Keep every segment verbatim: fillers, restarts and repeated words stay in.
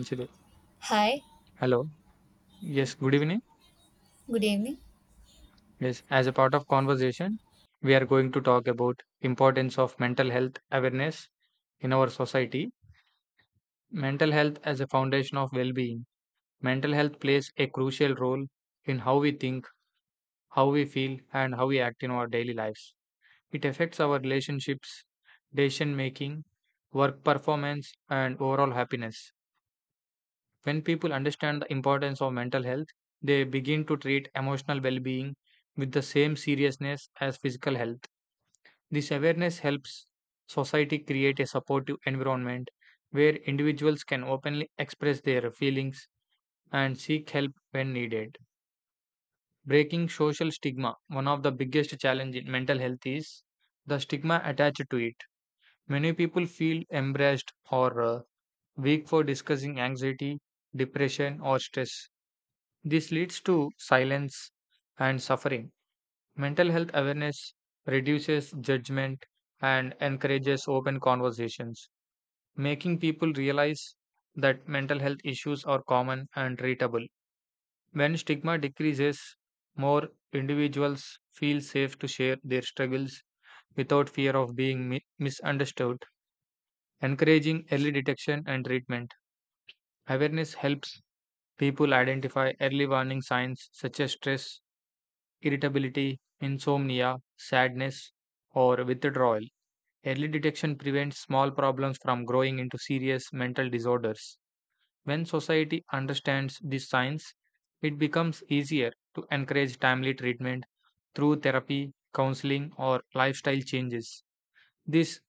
Consider. Hi, Hello. Yes, good evening. good evening. Yes, as a part of conversation, we are going to talk about importance of mental health awareness in our society. Mental health as a foundation of well-being. Mental health plays a crucial role in how we think, how we feel, and how we act in our daily lives. It affects our relationships, decision making, work performance, and overall happiness. When people understand the importance of mental health, they begin to treat emotional well being with the same seriousness as physical health. This awareness helps society create a supportive environment where individuals can openly express their feelings and seek help when needed. Breaking social stigma. One of the biggest challenges in mental health is the stigma attached to it. Many people feel embarrassed or uh, weak for discussing anxiety, depression, or stress. This leads to silence and suffering. Mental health awareness reduces judgment and encourages open conversations, making people realize that mental health issues are common and treatable. When stigma decreases, more individuals feel safe to share their struggles without fear of being mi- misunderstood, encouraging early detection and treatment. Awareness helps people identify early warning signs such as stress, irritability, insomnia, sadness, or withdrawal. Early detection prevents small problems from growing into serious mental disorders. When society understands these signs, it becomes easier to encourage timely treatment through therapy, counseling, or lifestyle changes. This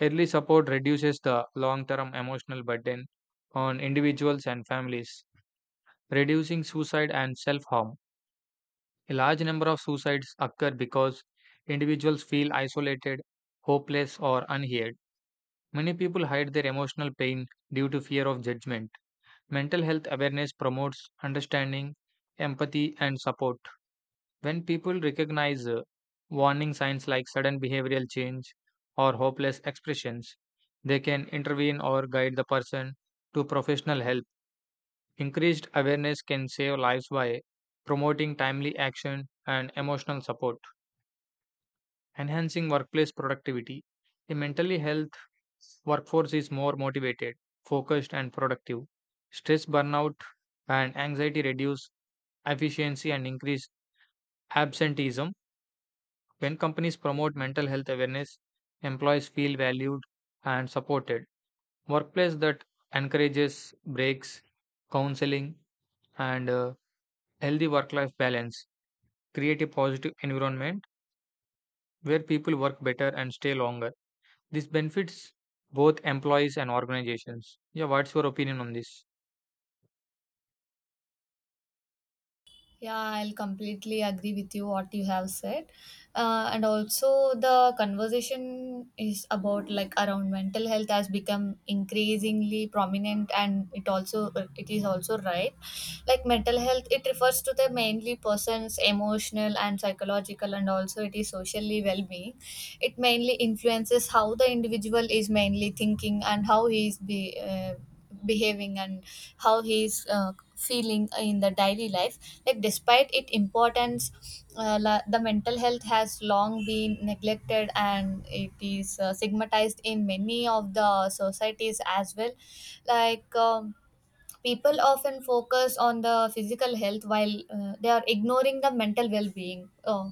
early support reduces the long term emotional burden on individuals and families, reducing suicide and self harm. A large number of suicides occur because individuals feel isolated, hopeless, or unheard. Many people hide their emotional pain due to fear of judgment. Mental health awareness promotes understanding, empathy, and support. When people recognize uh, warning signs like sudden behavioral change or hopeless expressions, they can intervene or guide the person to professional help. Increased awareness can save lives by promoting timely action and emotional support. Enhancing workplace productivity. A mentally health workforce is more motivated, focused, and productive. Stress, burnout, and anxiety reduce efficiency and increase absenteeism. When companies promote mental health awareness, employees feel valued and supported. Workplace that encourages breaks, counseling, and uh, healthy work life balance create a positive environment where people work better and stay longer. This benefits both employees and organizations. Yeah, what's your opinion on this? Yeah, I'll completely agree with you what you have said. Uh, and also the conversation is about like around mental health has become increasingly prominent and it also it is also right. Like mental health it refers to the mainly person's emotional and psychological and also it is socially well-being, it mainly influences how the individual is mainly thinking and how he is be, uh, behaving and how he is uh, feeling in the daily life, like despite its importance uh, la- the mental health has long been neglected and it is uh, stigmatized in many of the societies as well, like um, people often focus on the physical health while uh, they are ignoring the mental well-being. Uh,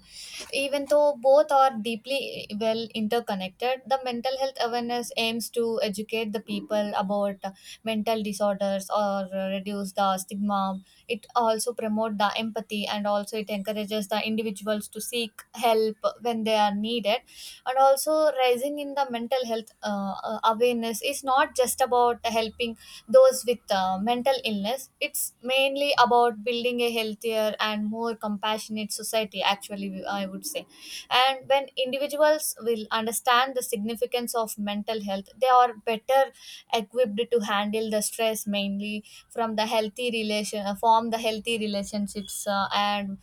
Even though both are deeply well interconnected, the mental health awareness aims to educate the people about uh, mental disorders or uh, reduce the stigma. It also promotes the empathy and also it encourages the individuals to seek help when they are needed. And also, rising in the mental health uh, uh, awareness is not just about helping those with uh, mental illness. It's mainly about building a healthier and more compassionate society, actually, we- I would say. And when individuals will understand the significance of mental health, they are better equipped to handle the stress mainly from the healthy relation, uh, form the healthy relationships uh, and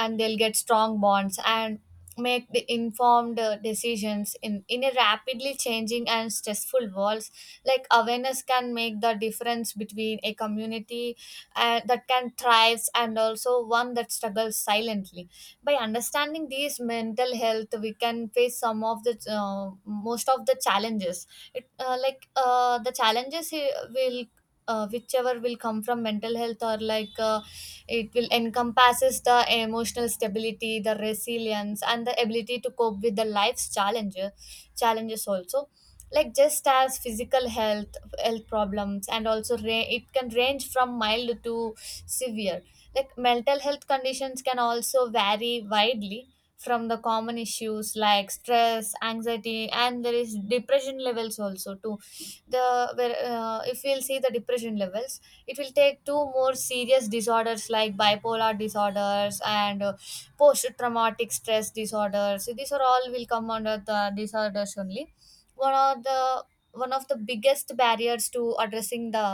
and they'll get strong bonds and make the informed uh, decisions in in a rapidly changing and stressful world, like awareness can make the difference between a community uh, that can thrives and also one that struggles silently. By understanding these mental health we can face some of the uh, most of the challenges it uh, like uh, the challenges he- will uh, whichever will come from mental health or like uh, it will encompasses the emotional stability, the resilience, and the ability to cope with the life's challenges. Challenges also, like just as physical health health problems, and also ra- it can range from mild to severe. Like mental health conditions can also vary widely from the common issues like stress anxiety and there is depression levels also too, the where uh, if we'll see the depression levels it will take two more serious disorders like bipolar disorders and uh, post traumatic stress disorders. So these are all will come under the disorders only. one of the One of the biggest barriers to addressing the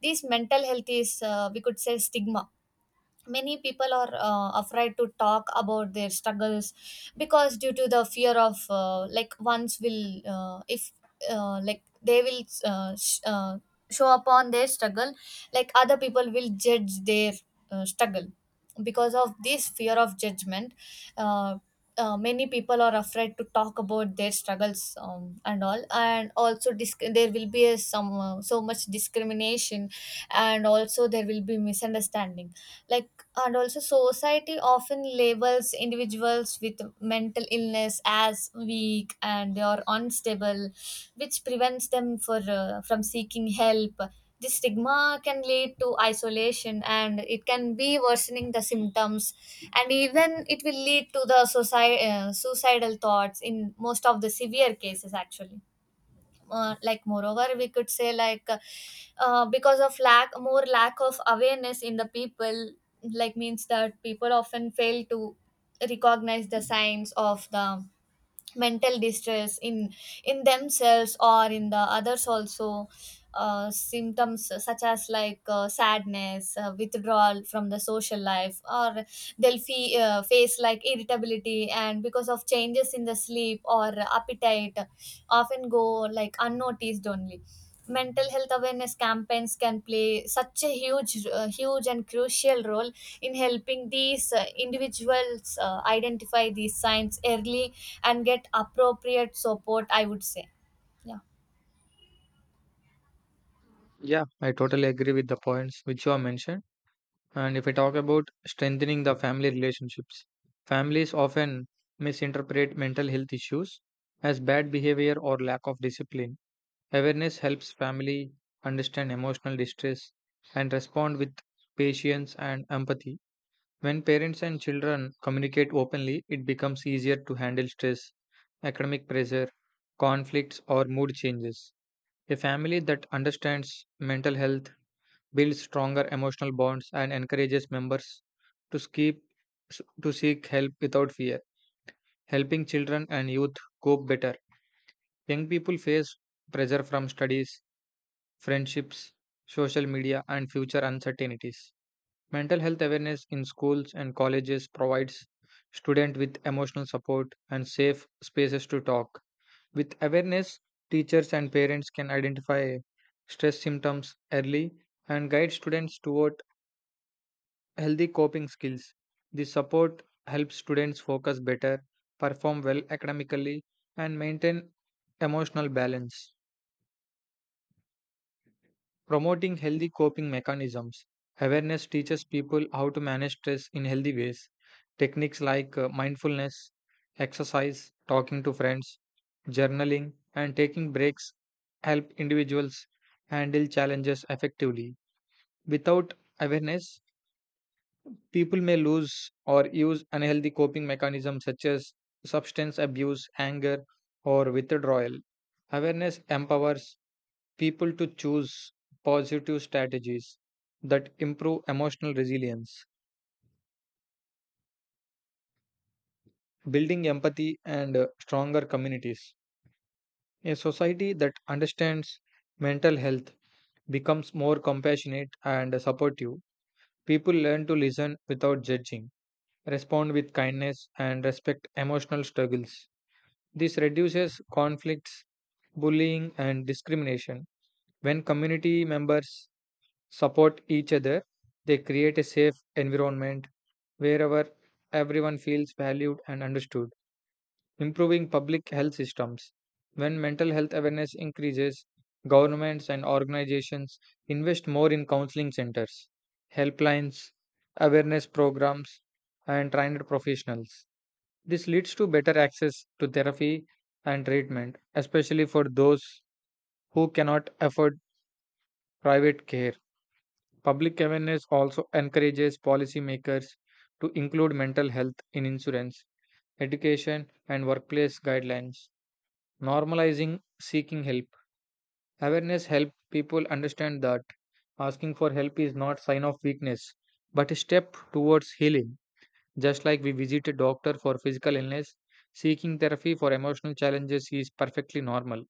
these mental health is uh, we could say stigma. Many people are uh, afraid to talk about their struggles because due to the fear of uh, like once will uh, if uh, like they will uh, sh- uh, show upon their struggle, like other people will judge their uh, struggle because of this fear of judgment, uh, uh, many people are afraid to talk about their struggles, um, and all, and also disc- there will be a, some uh, so much discrimination and also there will be misunderstanding, like, and also society often labels individuals with mental illness as weak and they are unstable, which prevents them for uh, from seeking help. This stigma can lead to isolation and it can be worsening the symptoms, and even it will lead to the suicide, uh, suicidal thoughts in most of the severe cases actually. Uh, like moreover we could say like uh, uh, because of lack more lack of awareness in the people, like means that people often fail to recognize the signs of the mental distress in in themselves or in the others also. Uh, symptoms such as like uh, sadness, uh, withdrawal from the social life, or they'll fe- uh, face like irritability, and because of changes in the sleep or appetite, often go like unnoticed only. Mental health awareness campaigns can play such a huge uh, huge and crucial role in helping these uh, individuals uh, identify these signs early and get appropriate support, I would say. Yeah, Yeah, I totally agree with the points which you have mentioned. And if I talk about strengthening the family relationships, families often misinterpret mental health issues as bad behavior or lack of discipline. Awareness helps family understand emotional distress and respond with patience and empathy. When parents and children communicate openly, it becomes easier to handle stress, academic pressure, conflicts, or mood changes. A family that understands mental health builds stronger emotional bonds and encourages members to, skip, to seek help without fear, helping children and youth cope better. Young people face pressure from studies, friendships, social media, and future uncertainties. Mental health awareness in schools and colleges provides students with emotional support and safe spaces to talk. With awareness, teachers and parents can identify stress symptoms early and guide students toward healthy coping skills. This support helps students focus better, perform well academically, and maintain emotional balance. Promoting healthy coping mechanisms. Awareness teaches people how to manage stress in healthy ways. Techniques like uh, mindfulness, exercise, talking to friends, journaling, and taking breaks help individuals handle challenges effectively. Without awareness, people may lose or use unhealthy coping mechanisms such as substance abuse, anger, or withdrawal. Awareness empowers people to choose positive strategies that improve emotional resilience, building empathy and uh, stronger communities. A society that understands mental health becomes more compassionate and supportive. People learn to listen without judging, respond with kindness, and respect emotional struggles. This reduces conflicts, bullying, and discrimination. When community members support each other, they create a safe environment wherever everyone feels valued and understood. Improving public health systems. When mental health awareness increases, governments and organizations invest more in counseling centers, helplines, awareness programs, and trained professionals. This leads to better access to therapy and treatment, especially for those who cannot afford private care. Public awareness also encourages policymakers to include mental health in insurance, education, and workplace guidelines, normalizing seeking help. Awareness helps people understand that asking for help is not sign of weakness but a step towards healing. Just like we visit a doctor for physical illness, seeking therapy for emotional challenges is perfectly normal.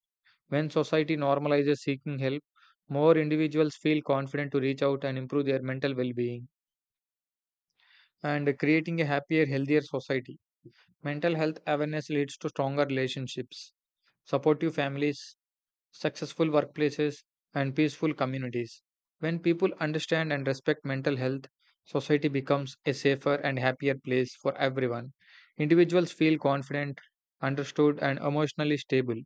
When society normalizes seeking help, more individuals feel confident to reach out and improve their mental well-being, and creating a happier, healthier society. Mental health awareness leads to stronger relationships, supportive families, successful workplaces, and peaceful communities. When people understand and respect mental health, society becomes a safer and happier place for everyone. Individuals feel confident, understood, and emotionally stable,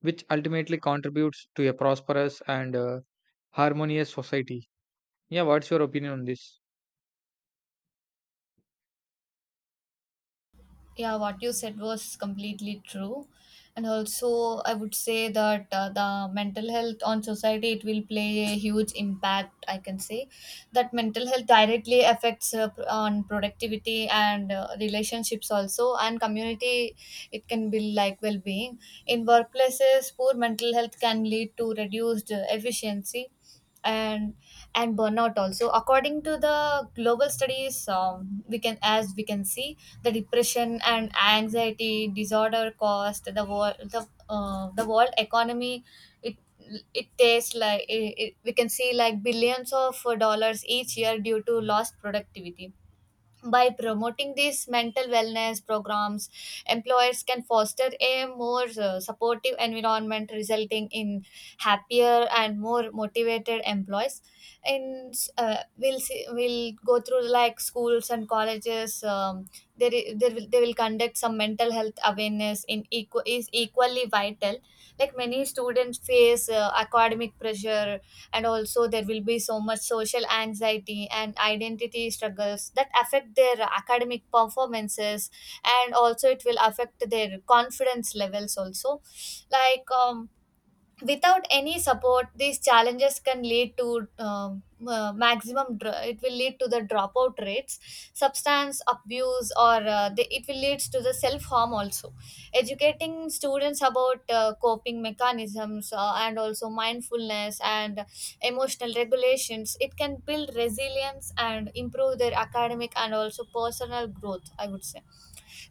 which ultimately contributes to a prosperous and uh, harmonious society. Yeah, what's your opinion on this? yeah, what you said was completely true, and also I would say that uh, the mental health on society it will play a huge impact, I can say, that mental health directly affects uh, pr- on productivity and uh, relationships also and community. It can be like well-being in workplaces. Poor mental health can lead to reduced uh, efficiency and and burnout also. According to the global studies, um, we can as we can see the depression and anxiety disorder cost the world the, uh, the world economy. it it takes like it, it, we can see like billions of dollars each year due to lost productivity. By promoting these mental wellness programs, employers can foster a more uh, supportive environment, resulting in happier and more motivated employees. And uh, we'll see, we'll go through like schools and colleges, um, there, i- there will, they will conduct some mental health awareness in equal is equally vital. Like many students face uh, academic pressure, and also there will be so much social anxiety and identity struggles that affect their academic performances, and also it will affect their confidence levels also. Like um, without any support these challenges can lead to um, uh, maximum dr- it will lead to the dropout rates, substance abuse, or uh, the, it will leads to the self harm also. Educating students about uh, coping mechanisms, uh, and also mindfulness and emotional regulations, it can build resilience and improve their academic and also personal growth, I would say.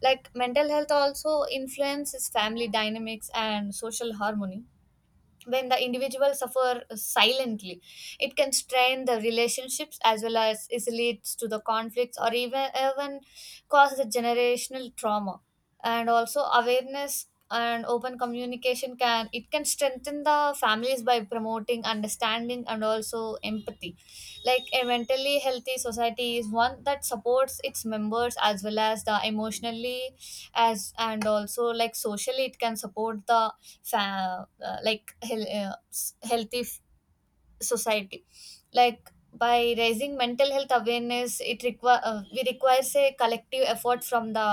Like mental health also influences family dynamics and social harmony. When the individual suffer silently, it can strain the relationships, as well as it leads to the conflicts, or even even cause the generational trauma. And also awareness and open communication can, it can strengthen the families by promoting understanding and also empathy. Like a mentally healthy society is one that supports its members as well as the emotionally as, and also like socially it can support the fa- uh, like hel- uh, s- healthy f- society. Like by raising mental health awareness it require uh, we requires a collective effort from the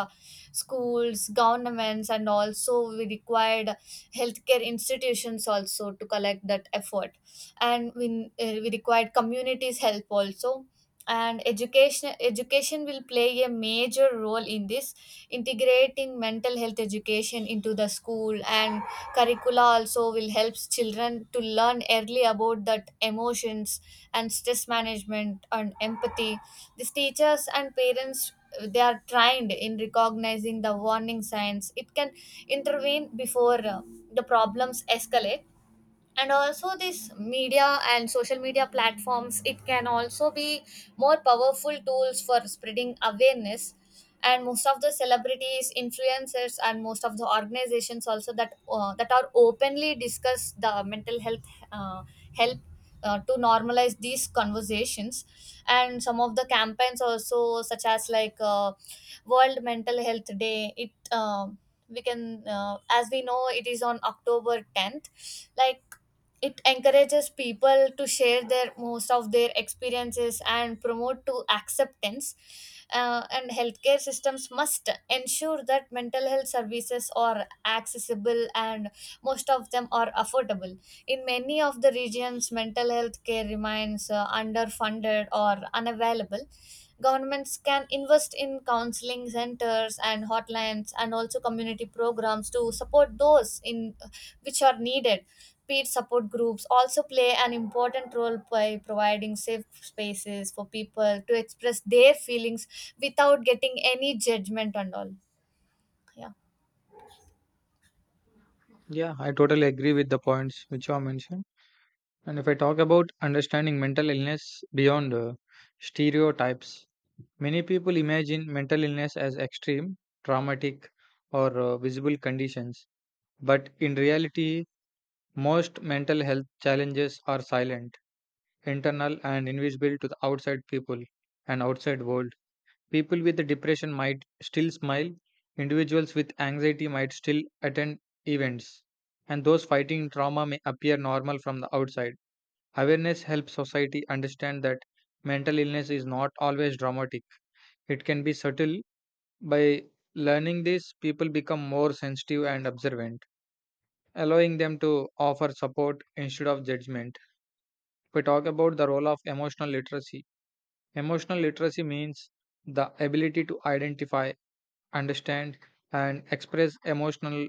schools, governments, and also we required healthcare institutions also to collect that effort, and we, uh, we required communities help also. And education, education will play a major role in this. Integrating mental health education into the school and curricula also will help children to learn early about that emotions and stress management and empathy. These teachers and parents, they are trained in recognizing the warning signs, it can intervene before uh, the problems escalate. And also this media and social media platforms, it can also be more powerful tools for spreading awareness. And most of the celebrities, influencers, and most of the organizations also that uh, that are openly discuss the mental health uh, help uh, to normalize these conversations. And some of the campaigns also such as like uh, world mental health day, it, um we can uh, as we know it is on october tenth, like it encourages people to share their most of their experiences and promote to acceptance. Uh, and healthcare systems must ensure that mental health services are accessible and most of them are affordable. In many of the regions mental health care remains uh, underfunded or unavailable. Governments can invest in counseling centers and hotlines and also community programs to support those in which are needed. Peer support groups also play an important role by providing safe spaces for people to express their feelings without getting any judgment and all. Yeah, Yeah, I totally agree with the points which you have mentioned. And if I talk about understanding mental illness beyond uh, stereotypes, many people imagine mental illness as extreme, traumatic, or uh, visible conditions. But in reality, most mental health challenges are silent, internal, and invisible to the outside people and outside world. People with depression might still smile, individuals with anxiety might still attend events, and those fighting trauma may appear normal from the outside. Awareness helps society understand that mental illness is not always dramatic. It can be subtle. By learning this, people become more sensitive and observant, allowing them to offer support instead of judgment. If we talk about the role of emotional literacy, emotional literacy means the ability to identify, understand, and express emotional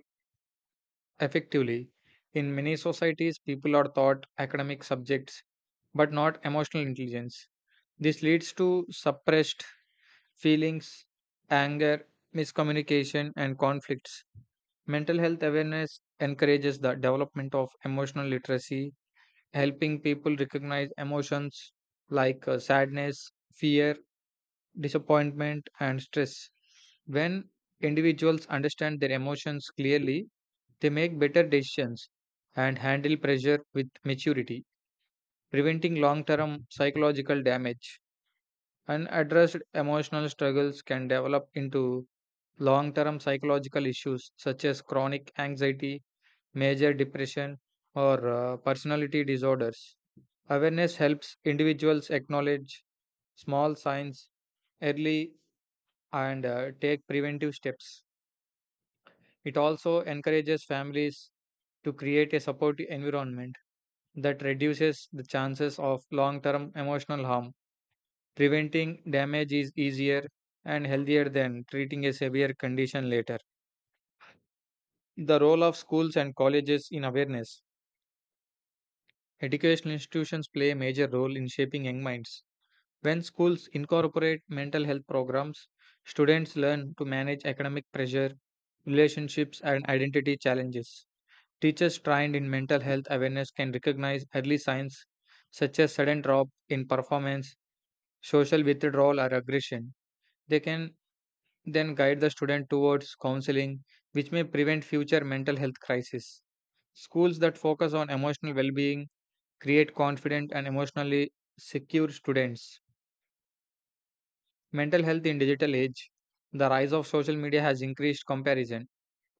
effectively. In many societies, people are taught academic subjects but not emotional intelligence. This leads to suppressed feelings, anger, miscommunication, and conflicts. Mental health awareness encourages the development of emotional literacy, helping people recognize emotions like uh, sadness, fear, disappointment, and stress. When individuals understand their emotions clearly, they make better decisions and handle pressure with maturity, preventing long term psychological damage. Unaddressed emotional struggles can develop into long term psychological issues such as chronic anxiety, major depression, or uh, personality disorders. Awareness helps individuals acknowledge small signs early and uh, take preventive steps. It also encourages families to create a supportive environment that reduces the chances of long term emotional harm. Preventing damage is easier and healthier than treating a severe condition later. The role of schools and colleges in awareness. Educational institutions play a major role in shaping young minds. When schools incorporate mental health programs, students learn to manage academic pressure, relationships, and identity challenges. Teachers trained in mental health awareness can recognize early signs such as sudden drop in performance, social withdrawal, or aggression. They can then guide the student towards counseling, which may prevent future mental health crises. Schools that focus on emotional well being create confident and emotionally secure students. Mental health in digital age. The rise of social media has increased comparison,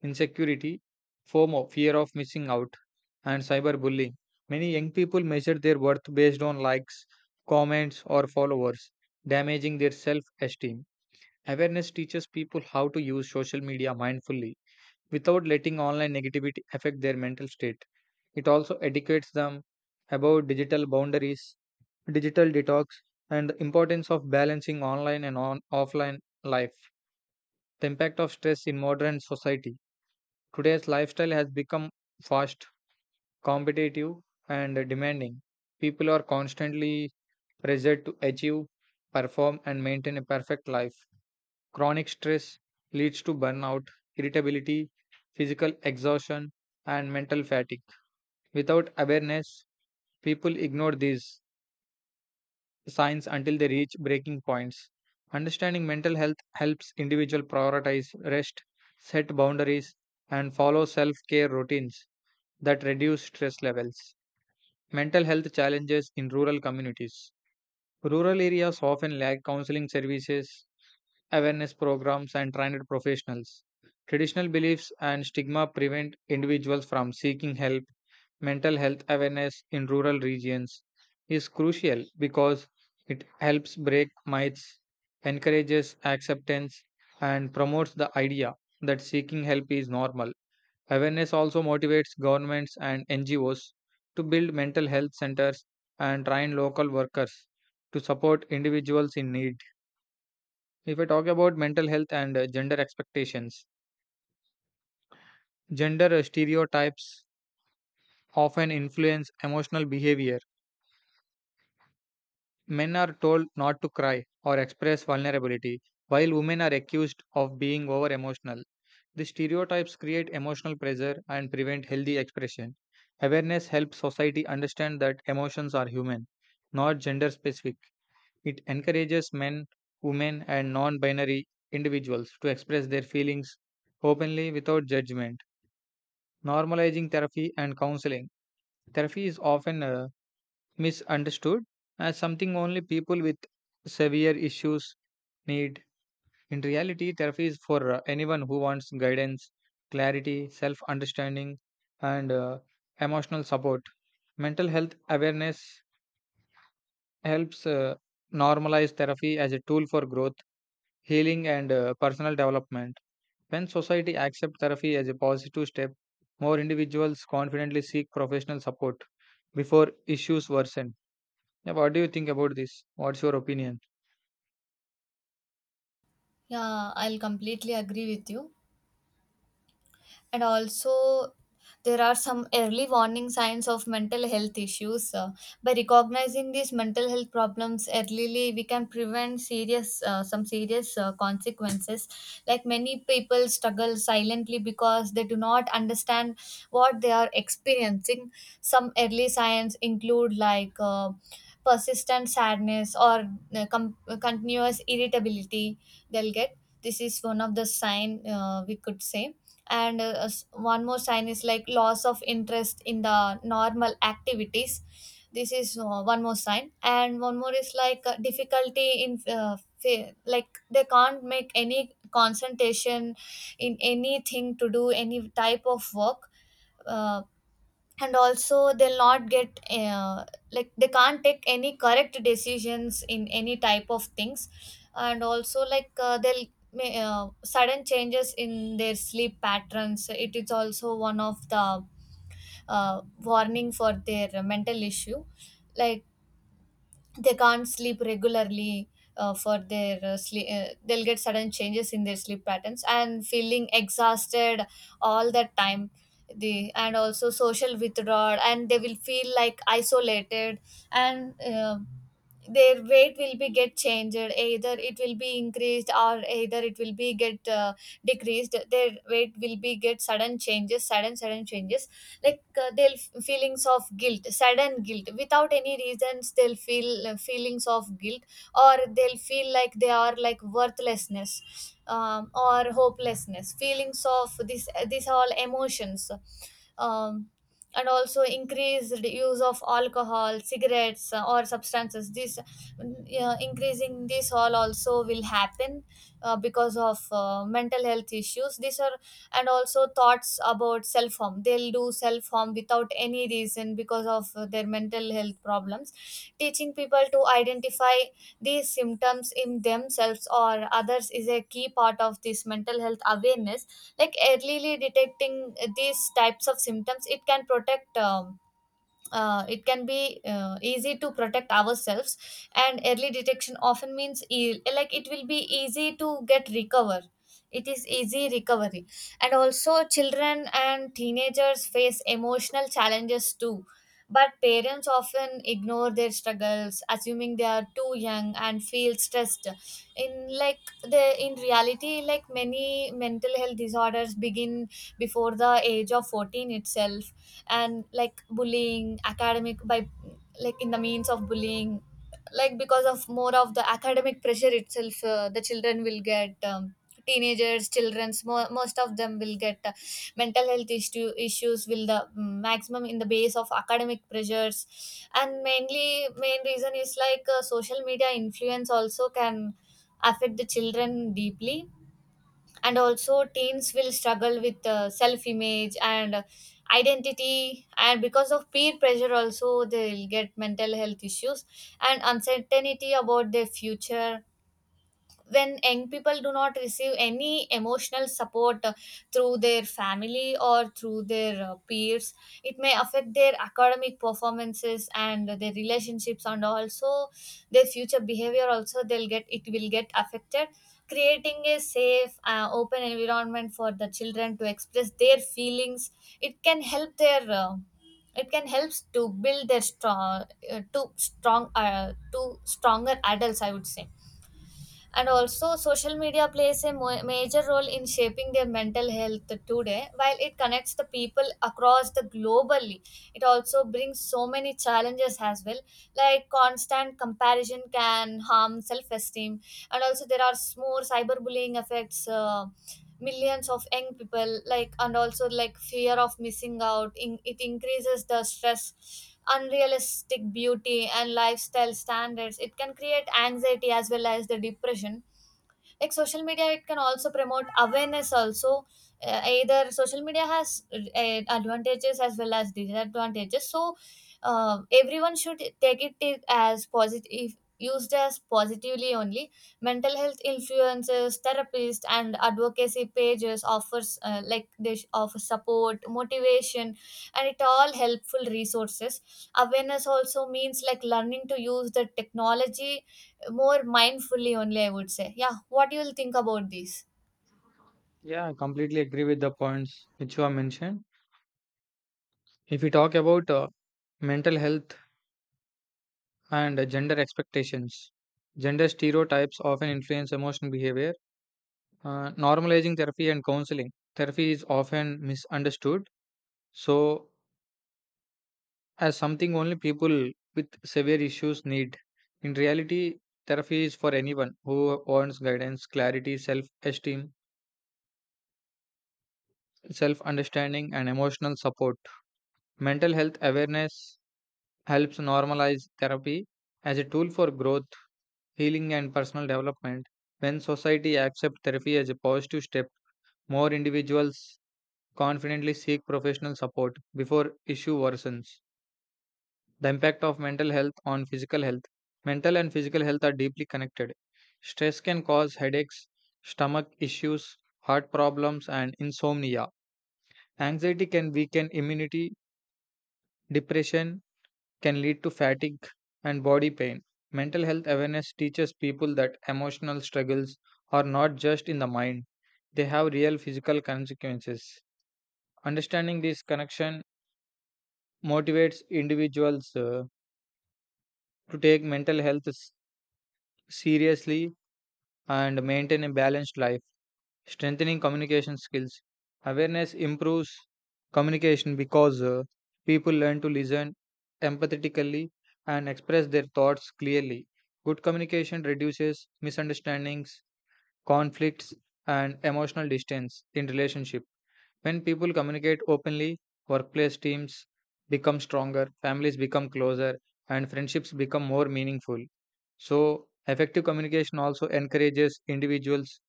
insecurity, FOMO, fear of missing out, and cyberbullying. Many young people measure their worth based on likes, comments, or followers, damaging their self esteem. Awareness teaches people how to use social media mindfully without letting online negativity affect their mental state. It also educates them about digital boundaries, digital detox, and the importance of balancing online and on offline life. The impact of stress in modern society. Today's lifestyle has become fast, competitive, and demanding. People are constantly pressured to achieve, perform, and maintain a perfect life. Chronic stress leads to burnout, irritability, physical exhaustion, and mental fatigue. Without awareness, people ignore these signs until they reach breaking points. Understanding mental health helps individual prioritize rest, set boundaries, and follow self-care routines that reduce stress levels. Mental health challenges in rural communities. Rural areas often lack counseling services, awareness programs, and trained professionals. Traditional beliefs and stigma prevent individuals from seeking help. Mental health awareness in rural regions is crucial because it helps break myths, encourages acceptance, and promotes the idea that seeking help is normal. Awareness also motivates governments and N G Os to build mental health centers and train local workers to support individuals in need. If I talk about mental health and uh, gender expectations, gender uh, stereotypes often influence emotional behavior. Men are told not to cry or express vulnerability, while women are accused of being over emotional. These stereotypes create emotional pressure and prevent healthy expression. Awareness helps society understand that emotions are human, not gender specific. It encourages men, women, and non binary individuals to express their feelings openly without judgment. Normalizing therapy and counseling. Therapy is often uh, misunderstood as something only people with severe issues need. In reality, therapy is for uh, anyone who wants guidance, clarity, self understanding, and uh, emotional support. Mental health awareness helps uh, normalize therapy as a tool for growth, healing, and uh, personal development. When society accepts therapy as a positive step, more individuals confidently seek professional support before issues worsen. Yeah, what do you think about this? What's your opinion? yeah, I'll completely agree with you. And also there are some early warning signs of mental health issues. Uh, by recognizing these mental health problems early we can prevent serious uh, some serious uh, consequences. Like many people struggle silently because they do not understand what they are experiencing. Some early signs include like uh, persistent sadness or uh, com- continuous irritability they'll get. This is one of the sign, uh, we could say. And uh, s- one more sign is like loss of interest in the normal activities. This is uh, one more sign. And one more is like uh, difficulty in uh, fa- like they can't make any concentration in anything to do any type of work. uh, and also they'll not get uh, like they can't take any correct decisions in any type of things. And also like uh, they'll may- uh, sudden changes in their sleep patterns, it is also one of the uh, warning for their mental issue. Like they can't sleep regularly. Uh, for their uh, sleep uh, They'll get sudden changes in their sleep patterns and feeling exhausted all the time. The, and also social withdrawal and they will feel like isolated. And um their weight will be get changed, either it will be increased, or either it will be get uh, decreased, their weight will be get sudden changes sudden sudden changes. Like uh, they'll f- feelings of guilt, sudden guilt without any reasons they'll feel, uh, feelings of guilt, or they'll feel like they are like worthlessness, um, or hopelessness feelings of this, these all emotions. um, and also increased use of alcohol, cigarettes, uh, or substances, this uh, increasing this all also will happen uh, because of uh, mental health issues, these are. And also thoughts about self harm, they'll do self harm without any reason because of uh, their mental health problems. Teaching people to identify these symptoms in themselves or others is a key part of this mental health awareness. Like early detecting these types of symptoms, it can protect, um, uh, it can be uh, easy to protect ourselves. And early detection often means e- like it will be easy to get recover, it is easy recovery. And also children and teenagers face emotional challenges too, but parents often ignore their struggles assuming they are too young and feel stressed. In like the in reality, like many mental health disorders begin before the age of fourteen itself. And like bullying, academic, by like in the means of bullying, like because of more of the academic pressure itself, uh, the children will get, um, teenagers, children's mo- most of them will get uh, mental health issue issues will the, mm, maximum in the base of academic pressures. And mainly main reason is like uh, social media influence also can affect the children deeply. And also teens will struggle with uh, self image and identity, and because of peer pressure also they'll get mental health issues, and uncertainty about their future. When young people do not receive any emotional support uh, through their family or through their uh, peers, it may affect their academic performances and their relationships, and also their future behavior also they'll get, it will get affected. Creating a safe, uh, open environment for the children to express their feelings, it can help their, uh, it can help to build their strong, uh, to strong uh, to stronger adults, I would say. And also, social media plays a mo- major role in shaping their mental health today. While it connects the people across the globally, it also brings so many challenges as well. Like constant comparison can harm self-esteem, and also there are s- more cyberbullying affects uh, millions of young people. Like, and also like fear of missing out, In- it increases the stress. Unrealistic beauty and lifestyle standards, it can create anxiety as well as the depression. Like social media it can also promote awareness also, uh, either social media has uh, advantages as well as disadvantages, so uh, everyone should take it as positive, used as positively only. Mental health influences, therapists and advocacy pages offers uh, like they sh- offer support, motivation, and it all helpful resources. Awareness also means like learning to use the technology more mindfully only, I would say. Yeah, what do you will think about this? Yeah, I completely agree with the points which you have mentioned. If we talk about uh, mental health and uh, gender expectations, gender stereotypes often influence emotional behavior. Uh, normalizing therapy and counseling. Therapy is often misunderstood. So, as something only people with severe issues need. In reality, therapy is for anyone who wants guidance, clarity, self esteem, self understanding, and emotional support. Mental health awareness helps normalize therapy as a tool for growth, healing, and personal development. When society accepts therapy as a positive step, more individuals confidently seek professional support before issue worsens. The impact of mental health on physical health. Mental and physical health are deeply connected. Stress can cause headaches, stomach issues, heart problems, and insomnia. Anxiety can weaken immunity, depression can lead to fatigue and body pain. Mental health awareness teaches people that emotional struggles are not just in the mind, they have real physical consequences. Understanding this connection motivates individuals uh, to take mental health s- seriously and maintain a balanced life. Strengthening communication skills. Awareness improves communication because uh, people learn to listen empathetically and express their thoughts clearly. Good communication reduces misunderstandings, conflicts, and emotional distance in relationship. When people communicate openly, workplace teams become stronger, families become closer, and friendships become more meaningful. So, effective communication also encourages individuals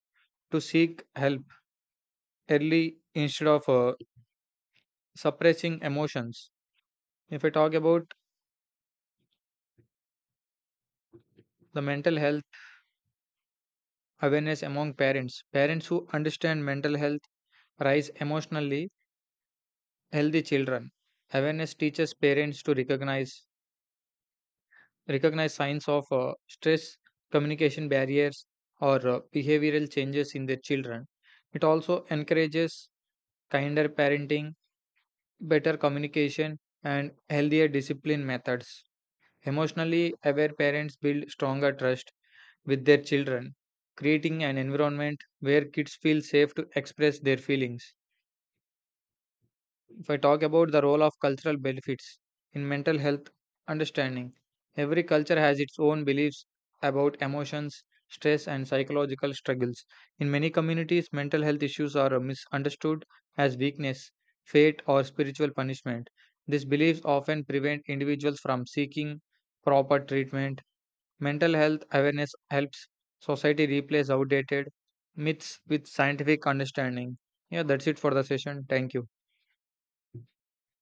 to seek help early instead of uh, suppressing emotions. If I talk about the mental health awareness among parents, parents who understand mental health raise emotionally healthy children. Awareness teaches parents to recognize recognize signs of uh, stress, communication barriers, or uh, behavioral changes in their children. It also encourages kinder parenting, better communication, and healthier discipline methods. Emotionally aware parents build stronger trust with their children, creating an environment where kids feel safe to express their feelings. If I talk about the role of cultural benefits in mental health understanding, every culture has its own beliefs about emotions, stress, and psychological struggles. In many communities, mental health issues are misunderstood as weakness, fate, or spiritual punishment. These beliefs often prevent individuals from seeking proper treatment. Mental health awareness helps society replace outdated myths with scientific understanding. Yeah, that's it for the session. Thank you.